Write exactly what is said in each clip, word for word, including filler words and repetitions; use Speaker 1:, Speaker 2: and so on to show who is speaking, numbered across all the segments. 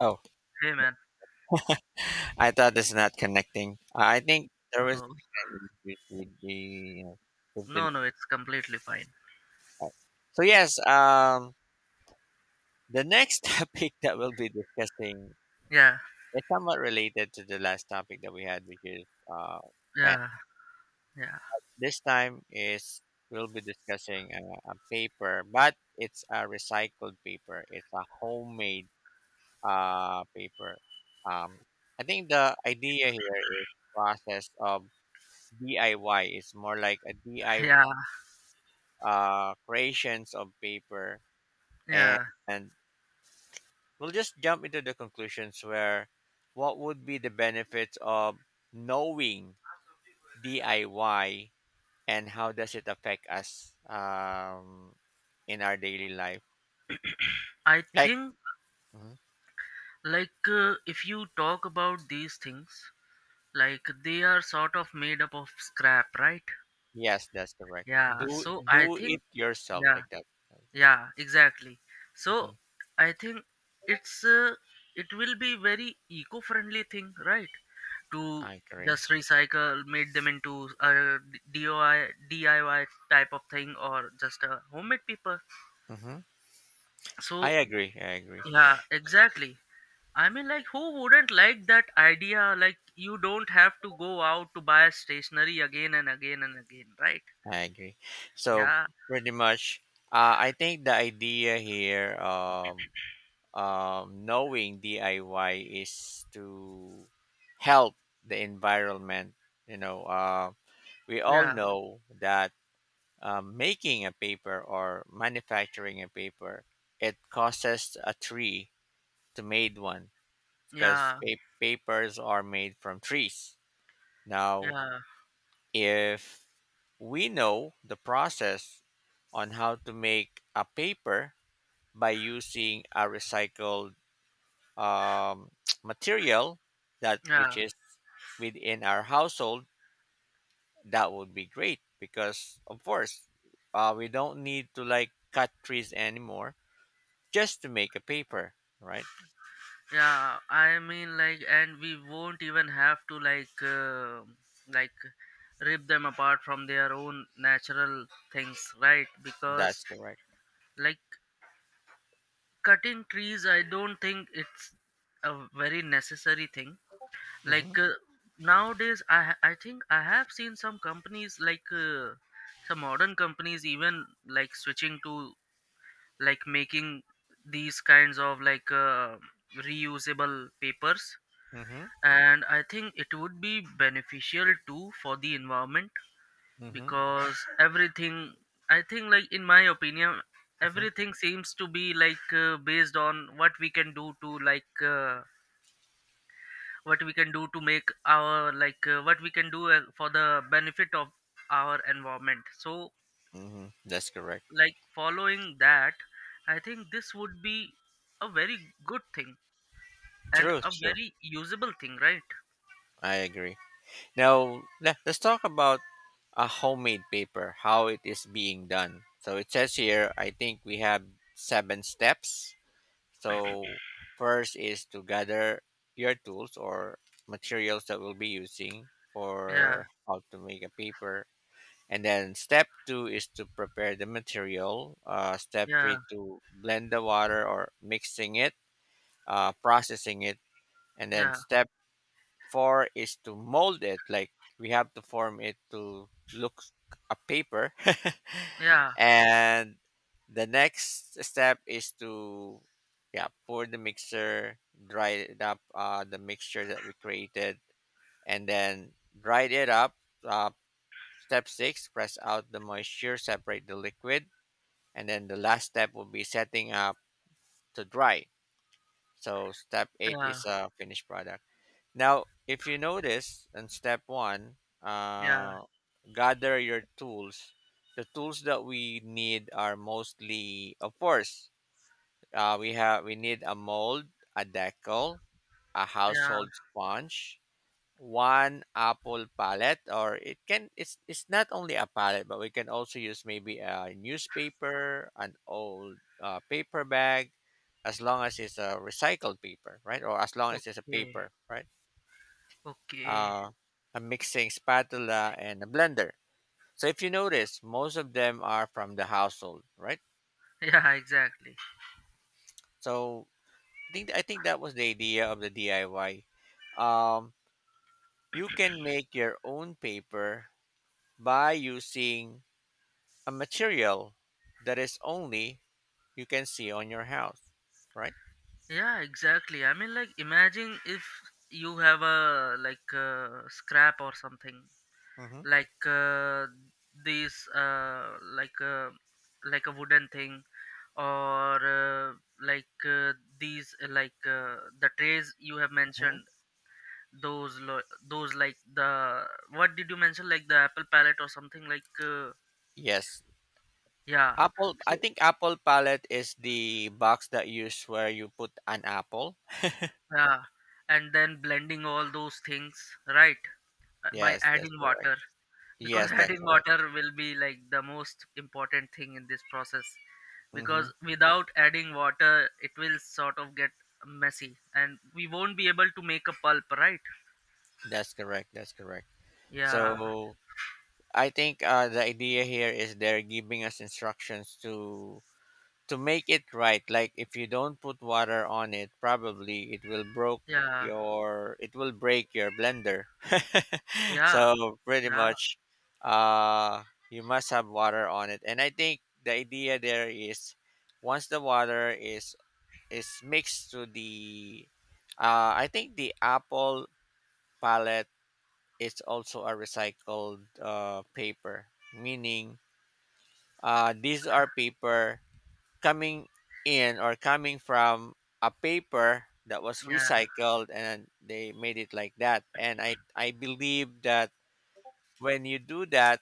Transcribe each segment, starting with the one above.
Speaker 1: Oh,
Speaker 2: Hey man,
Speaker 1: I thought it's not connecting. Uh, I think there was
Speaker 2: no,
Speaker 1: an issues with the you know, fifteen
Speaker 2: no, no, it's completely fine.
Speaker 1: part. So yes, um, the next topic that we'll be discussing
Speaker 2: Yeah,
Speaker 1: is somewhat related to the last topic that we had, which is uh, pen.
Speaker 2: yeah, yeah,
Speaker 1: This time is we'll be discussing a, a paper, but it's a recycled paper. It's a homemade uh paper. Um, I think the idea here is process of D I Y. It's more like a D I Y
Speaker 2: yeah,
Speaker 1: uh, creations of paper, and,
Speaker 2: yeah.
Speaker 1: and we'll just jump into the conclusions where what would be the benefits of knowing D I Y and how does it affect us um, in our daily life?
Speaker 2: I
Speaker 1: Like,
Speaker 2: think
Speaker 1: mhm,
Speaker 2: like uh, if you talk about these things, like they are sort of made up of scrap, right?
Speaker 1: yes, that's correct.
Speaker 2: Yeah.
Speaker 1: Do
Speaker 2: So I
Speaker 1: do
Speaker 2: think
Speaker 1: it yourself
Speaker 2: yeah,
Speaker 1: like that.
Speaker 2: yeah exactly so
Speaker 1: Mhm.
Speaker 2: i think it's uh, it will be very eco-friendly thing, right? To
Speaker 1: I agree.
Speaker 2: just recycle made them into a D I Y DIY type of thing or just a homemade paper,
Speaker 1: Hmm. I
Speaker 2: so
Speaker 1: agree. I agree.
Speaker 2: yeah exactly. I mean, like, who wouldn't like that idea? Like, you don't have to go out to buy stationery again and again and again, right?
Speaker 1: I agree. So
Speaker 2: Yeah,
Speaker 1: pretty much, uh, I think the idea here of um, knowing D I Y is to help the environment. You know, uh, we all
Speaker 2: yeah,
Speaker 1: know that um, making a paper or manufacturing a paper, it costs a tree to made one because
Speaker 2: yeah,
Speaker 1: papers are made from trees. Now,
Speaker 2: yeah,
Speaker 1: if we know the process on how to make a paper by using a recycled um, material that which
Speaker 2: yeah.
Speaker 1: is within our household, that would be great because of course uh, we don't need to like cut trees anymore just to make a paper, right?
Speaker 2: Yeah, I mean, like, and we won't even have to like uh, like rip them apart from their own natural things, right?
Speaker 1: That's
Speaker 2: Because
Speaker 1: correct.
Speaker 2: like, cutting trees, I don't think it's a very necessary thing.
Speaker 1: Mm-hmm,
Speaker 2: like uh, Nowadays i ha- I think I have seen some companies like uh, some modern companies even like switching to like making these kinds of like uh, reusable papers,
Speaker 1: mm-hmm,
Speaker 2: and I think it would be beneficial too for the environment.
Speaker 1: mm-hmm,
Speaker 2: Because everything, I think, like in my opinion,
Speaker 1: mm-hmm.
Speaker 2: everything seems to be like uh, based on what we can do to like uh, what we can do to make our like uh, what we can do uh, for the benefit of our environment. So
Speaker 1: Mm-hmm. That's correct.
Speaker 2: like following that, I think this would be a very good thing and
Speaker 1: True,
Speaker 2: a
Speaker 1: true.
Speaker 2: very usable thing, right?
Speaker 1: I agree. Now le- let's talk about a homemade paper, how it is being done. So it says here, I think we have seven steps. So first is to gather your tools or materials that we'll be using
Speaker 2: Yeah,
Speaker 1: for how to make a paper. And then step two is to prepare the material. Uh, step
Speaker 2: yeah,
Speaker 1: three to blend the water or mixing it, uh, processing it. And then
Speaker 2: yeah,
Speaker 1: step four is to mold it. Like, we have to form it to look a paper.
Speaker 2: yeah,
Speaker 1: And the next step is to, yeah, pour the mixer, dry it up, uh, the mixture that we created, and then dry it up. uh, step six, press out the moisture, separate the liquid, and then the last step will be setting up to dry, so step eight
Speaker 2: yeah.
Speaker 1: is a finished product. Now, if you notice in step one,
Speaker 2: Yeah,
Speaker 1: uh, gather your tools. The tools that we need are mostly, of course, uh, we have we need a mold, a decal, a
Speaker 2: yeah,
Speaker 1: household sponge, one apple palette, or it can it's it's not only a palette, but we can also use maybe a newspaper, an old uh, paper bag, as long as it's a recycled paper, right? Or as long as it's a paper,
Speaker 2: okay,
Speaker 1: right?
Speaker 2: okay.
Speaker 1: uh, a mixing spatula and a blender. So if you notice, most of them are from the household, right?
Speaker 2: Yeah, exactly.
Speaker 1: So I think I think that was the idea of the D I Y. Um, you can make your own paper by using a material that is only you can see on your house, right?
Speaker 2: Yeah, exactly. I mean, like, imagine if you have a like a scrap or something
Speaker 1: Hmm.
Speaker 2: like uh, this, uh, like a like a wooden thing or uh, like uh, these, uh, like uh, the trays you have
Speaker 1: Hmm.
Speaker 2: mentioned. Those, lo- those like the, what did you mention? Like the apple palette or something like uh,
Speaker 1: Yes.
Speaker 2: yeah.
Speaker 1: Apple, I think apple palette is the box that you use where you put an apple.
Speaker 2: Yeah, and then blending all those things, right? uh, By
Speaker 1: Yes, that's
Speaker 2: adding
Speaker 1: correct.
Speaker 2: water, because
Speaker 1: Yes, that's
Speaker 2: adding
Speaker 1: correct.
Speaker 2: water will be like the most important thing in this process.
Speaker 1: Hmm.
Speaker 2: Because without adding water, it will sort of get messy and we won't be able to make a pulp, right?
Speaker 1: That's correct. That's correct.
Speaker 2: Yeah,
Speaker 1: So I think uh, the idea here is they're giving us instructions to to make it right. Like, if you don't put water on it, probably it will broke
Speaker 2: yeah,
Speaker 1: your it will break your blender.
Speaker 2: yeah,
Speaker 1: So pretty
Speaker 2: yeah,
Speaker 1: much, uh, you must have water on it. And I think the idea there is once the water is is mixed to the, uh, I think the apple palette, it's also a recycled uh, paper, meaning uh, these are paper coming in or coming from a paper that was
Speaker 2: yeah.
Speaker 1: recycled and they made it like that. And I, I believe that when you do that,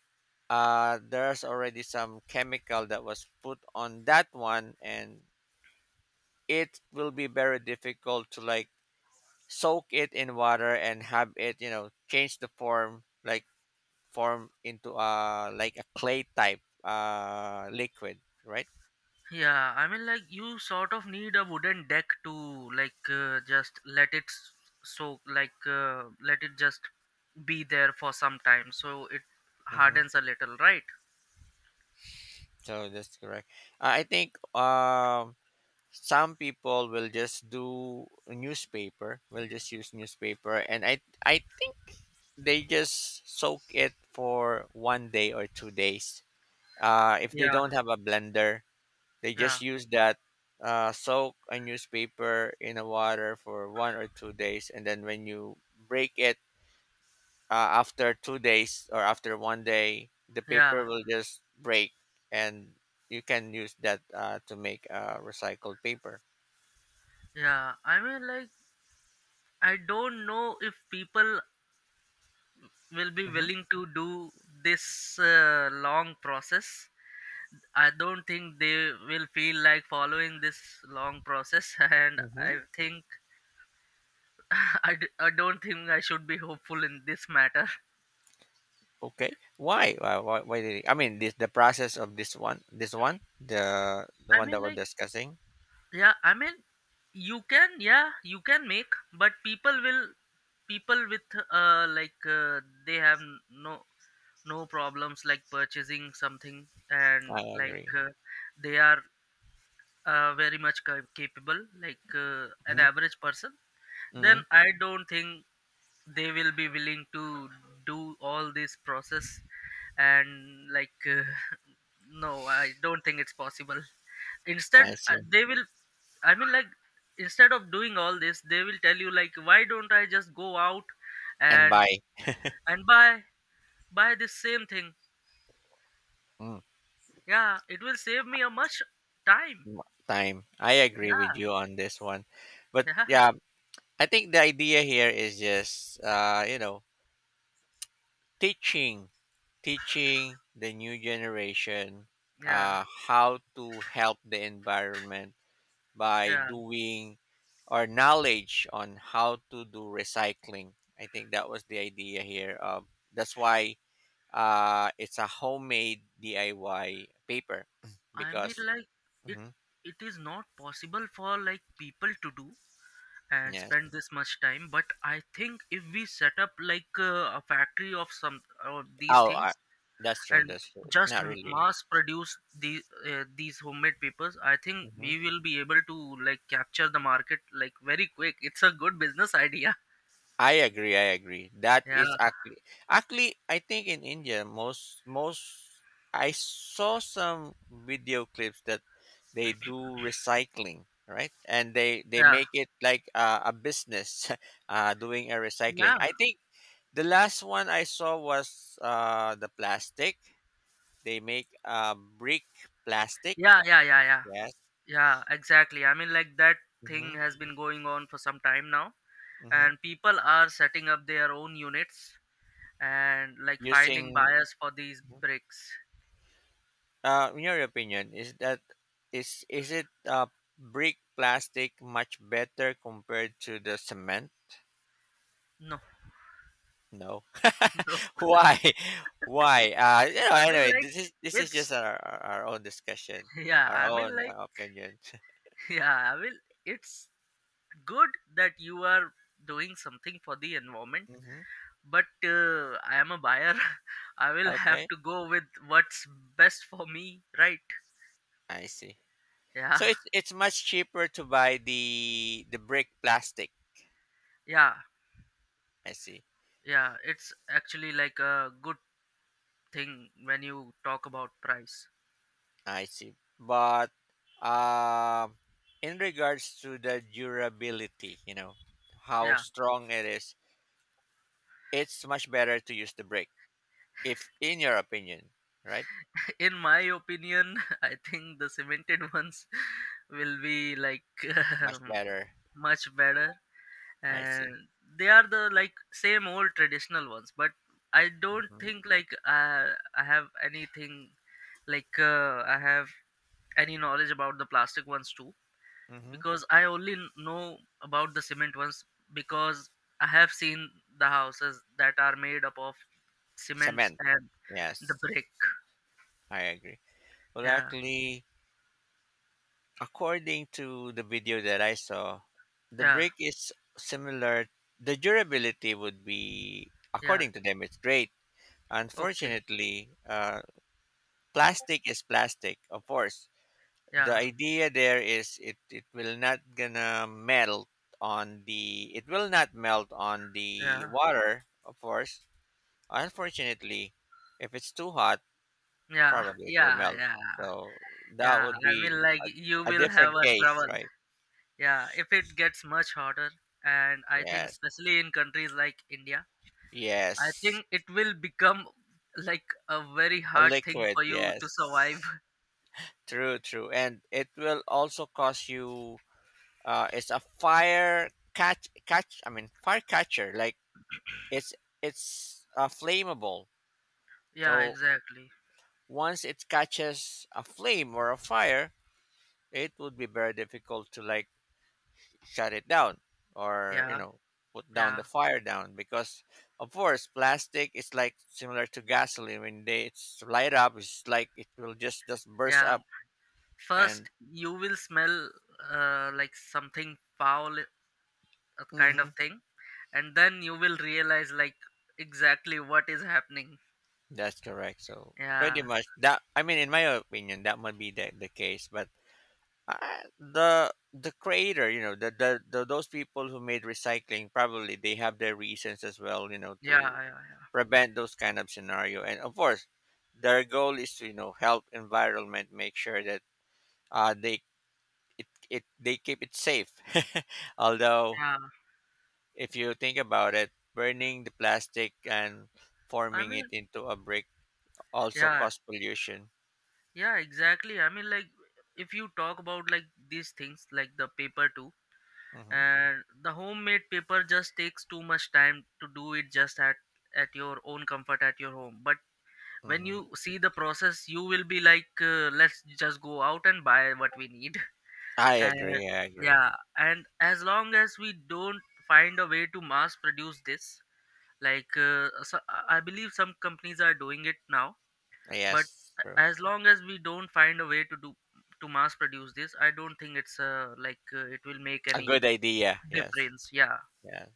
Speaker 1: uh, there's already some chemical that was put on that one, and it will be very difficult to like soak it in water and have it you know change the form, like form into a like a clay type uh liquid, right?
Speaker 2: Yeah, I mean, like you sort of need a wooden deck to like uh, just let it s- soak, like uh, let it just be there for some time, so it
Speaker 1: Hmm.
Speaker 2: hardens a little, right?
Speaker 1: So that's correct. uh, I think um some people will just do newspaper will just use newspaper, and i i think they just soak it for one day or two days, uh if they
Speaker 2: Yeah,
Speaker 1: don't have a blender, they just
Speaker 2: yeah,
Speaker 1: use that. uh, soak a newspaper in a water for one or two days, and then when you break it, uh, after two days or after one day, the
Speaker 2: yeah,
Speaker 1: paper will just break, and you can use that uh, to make uh, recycled paper.
Speaker 2: yeah. I mean, like, I don't know if people will be
Speaker 1: Hmm.
Speaker 2: willing to do this uh, long process. I don't think they will feel like following this long process, and
Speaker 1: Hmm.
Speaker 2: I think I, d- I don't think I should be hopeful in this matter.
Speaker 1: Okay. Why? Why? Why? Why did it, I mean, this the process of this one, this one, the the
Speaker 2: I
Speaker 1: one that
Speaker 2: mean,
Speaker 1: we're
Speaker 2: like,
Speaker 1: discussing.
Speaker 2: yeah, I mean, you can, yeah, you can make, but people will, people with, uh, like, uh, they have no, no problems like purchasing something
Speaker 1: I
Speaker 2: and like
Speaker 1: agree.
Speaker 2: uh, they are uh, very much ca- capable, like uh, an
Speaker 1: Hmm.
Speaker 2: average person.
Speaker 1: Hmm.
Speaker 2: Then I don't think they will be willing to do all this process and like uh, no, I don't think it's possible. Instead
Speaker 1: I
Speaker 2: uh,
Speaker 1: see.
Speaker 2: they will, I mean, like, instead of doing all this they will tell you like, why don't I just go out
Speaker 1: And
Speaker 2: and
Speaker 1: by
Speaker 2: and buy buy this same thing.
Speaker 1: mm,
Speaker 2: Yeah, it will save me a much time.
Speaker 1: m- time, I agree with
Speaker 2: Yeah,
Speaker 1: you on this one. But
Speaker 2: yeah,
Speaker 1: yeah, I think the idea here is just uh, you know teaching teaching the new generation
Speaker 2: yeah,
Speaker 1: uh, how to help the environment by
Speaker 2: yeah,
Speaker 1: doing or knowledge on how to do recycling. I think that was the idea here. Of, that's why uh, it's a homemade D I Y paper.
Speaker 2: I mean,
Speaker 1: Because
Speaker 2: like, it
Speaker 1: mhm,
Speaker 2: it is not possible for like people to do and
Speaker 1: yes,
Speaker 2: spend this much time. But I think if we set up like uh, a factory of some of these
Speaker 1: oh, uh,
Speaker 2: things
Speaker 1: that's true.
Speaker 2: and
Speaker 1: That's true. It's
Speaker 2: just
Speaker 1: not really.
Speaker 2: mass produce these uh, these homemade papers, I think
Speaker 1: Mm-hmm.
Speaker 2: we will be able to like capture the market like very quick. It's a good business idea.
Speaker 1: I agree. I agree. That
Speaker 2: Yeah,
Speaker 1: is actually actually I think in India, most most I saw some video clips that they do recycling, right? And they they
Speaker 2: yeah,
Speaker 1: make it like uh, a business uh, doing a
Speaker 2: yeah,
Speaker 1: recycling. I think the last one I saw was uh, the plastic. They make uh, brick plastic.
Speaker 2: yeah, yeah, yeah, yeah,
Speaker 1: Yes.
Speaker 2: yeah exactly, I mean like that
Speaker 1: Mm-hmm.
Speaker 2: thing has been going on for some time now,
Speaker 1: Mm-hmm.
Speaker 2: and people are setting up their own units and like finding
Speaker 1: Using
Speaker 2: buyers for these bricks.
Speaker 1: uh, in your opinion, is that is is it uh, brick plastic much better compared to the cement?
Speaker 2: No,
Speaker 1: No.
Speaker 2: no.
Speaker 1: Why? Why? Uh, you know.
Speaker 2: I mean,
Speaker 1: Anyway,
Speaker 2: like,
Speaker 1: this is this is
Speaker 2: it's,
Speaker 1: just our our our own discussion,
Speaker 2: yeah,
Speaker 1: our
Speaker 2: I mean,
Speaker 1: own
Speaker 2: like,
Speaker 1: uh, opinion.
Speaker 2: yeah, I mean, it's good that you are doing something for the environment,
Speaker 1: Hmm.
Speaker 2: but uh, I am a buyer. I will have
Speaker 1: Okay,
Speaker 2: to go with what's best for me, right?
Speaker 1: I see.
Speaker 2: Yeah,
Speaker 1: So it's it's much cheaper to buy the the brick plastic.
Speaker 2: yeah,
Speaker 1: I see.
Speaker 2: yeah. It's actually like a good thing when you talk about price.
Speaker 1: I see. But um, in regards to the durability, you know, how
Speaker 2: Yeah,
Speaker 1: strong it is, it's much better to use the brake, if in your opinion, right?
Speaker 2: in my opinion, I think the cemented ones will be like
Speaker 1: Much better.
Speaker 2: much better.
Speaker 1: I see.
Speaker 2: And they are the like same old traditional ones, but I don't
Speaker 1: Hmm.
Speaker 2: think like uh, I have anything like uh, I have any knowledge about the plastic ones too,
Speaker 1: Hmm.
Speaker 2: because i only n- know about the cement ones, because I have seen the houses that are made up of cements
Speaker 1: Cement.
Speaker 2: and the
Speaker 1: Yes,
Speaker 2: brick.
Speaker 1: I agree. Well,
Speaker 2: Yeah,
Speaker 1: actually, according to the video that I saw, the
Speaker 2: yeah,
Speaker 1: brake is similar. The durability would be,
Speaker 2: yeah,
Speaker 1: according to them, it's great.
Speaker 2: okay,
Speaker 1: Unfortunately, uh, plastic is plastic, of course. The
Speaker 2: yeah,
Speaker 1: idea there is it, it will not gonna melt on the it will not melt on the
Speaker 2: yeah,
Speaker 1: water, of course. Unfortunately, if it's too hot,
Speaker 2: yeah,
Speaker 1: probably it will
Speaker 2: yeah,
Speaker 1: melt.
Speaker 2: yeah,
Speaker 1: So that
Speaker 2: yeah,
Speaker 1: would
Speaker 2: I
Speaker 1: be
Speaker 2: mean, like,
Speaker 1: a,
Speaker 2: you
Speaker 1: a
Speaker 2: will have
Speaker 1: different
Speaker 2: a
Speaker 1: case,
Speaker 2: trouble.
Speaker 1: right?
Speaker 2: Yeah, if it gets much harder, and I think
Speaker 1: Yes.
Speaker 2: especially in countries like India, I think
Speaker 1: Yes.
Speaker 2: it will become like a very
Speaker 1: A
Speaker 2: hard thing
Speaker 1: liquid,
Speaker 2: for you to survive.
Speaker 1: yes. True, true. And it will also cause you uh it's a fire catch catch I mean fire catcher, like, it's it's uh, flammable.
Speaker 2: Yeah,
Speaker 1: So
Speaker 2: exactly.
Speaker 1: once it catches a flame or a fire, it would be very difficult to like shut it down or you
Speaker 2: Yeah,
Speaker 1: know put down the
Speaker 2: yeah,
Speaker 1: fire down, because of course plastic is like similar to gasoline, when they it's light up, it's like it will just just burst
Speaker 2: yeah.
Speaker 1: up and
Speaker 2: First, you will smell uh, like something foul, uh, kind
Speaker 1: hmm,
Speaker 2: of thing, and then you will realize like exactly what is happening.
Speaker 1: that's correct. So pretty
Speaker 2: Yeah,
Speaker 1: much that, I mean, in my opinion, that might be the, the case, but Uh, the the creator, you know the, the, the those people who made recycling probably they have their reasons as well, you know
Speaker 2: yeah,
Speaker 1: to
Speaker 2: yeah, yeah.
Speaker 1: prevent those kind of scenario, and of course their goal is to you know help environment, make sure that uh they, it, it they keep it safe. Although,
Speaker 2: Yeah.
Speaker 1: if you think about it, burning the plastic and
Speaker 2: I
Speaker 1: forming it
Speaker 2: mean,
Speaker 1: into a brick also
Speaker 2: yeah.
Speaker 1: cause pollution.
Speaker 2: Yeah, exactly. I mean, like, if you talk about like these things, like the paper too,
Speaker 1: Hmm.
Speaker 2: and the homemade paper just takes too much time to do it just at at your own comfort at your home. But when
Speaker 1: Hmm.
Speaker 2: you see the process, you will be like, uh, let's just go out and buy what we need.
Speaker 1: I
Speaker 2: And
Speaker 1: agree. I agree.
Speaker 2: yeah, and as long as we don't find a way to mass produce this, like, uh, so I I believe some companies are doing it now, but
Speaker 1: Yes.
Speaker 2: as long as we don't find a way to do to mass produce this, I don't think it's uh, like uh, it will make
Speaker 1: A
Speaker 2: any
Speaker 1: good idea. Yes.
Speaker 2: difference. Yeah,
Speaker 1: Yeah.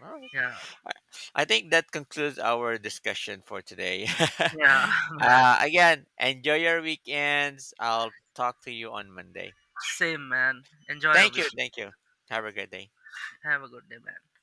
Speaker 1: All right.
Speaker 2: yeah,
Speaker 1: I I think that concludes our discussion for today.
Speaker 2: yeah. Man,
Speaker 1: uh, again, enjoy your weekends. I'll talk to you on Monday.
Speaker 2: same man, enjoy your
Speaker 1: Thank you.
Speaker 2: weekend.
Speaker 1: Thank you. Have a great day.
Speaker 2: Have a good day, man.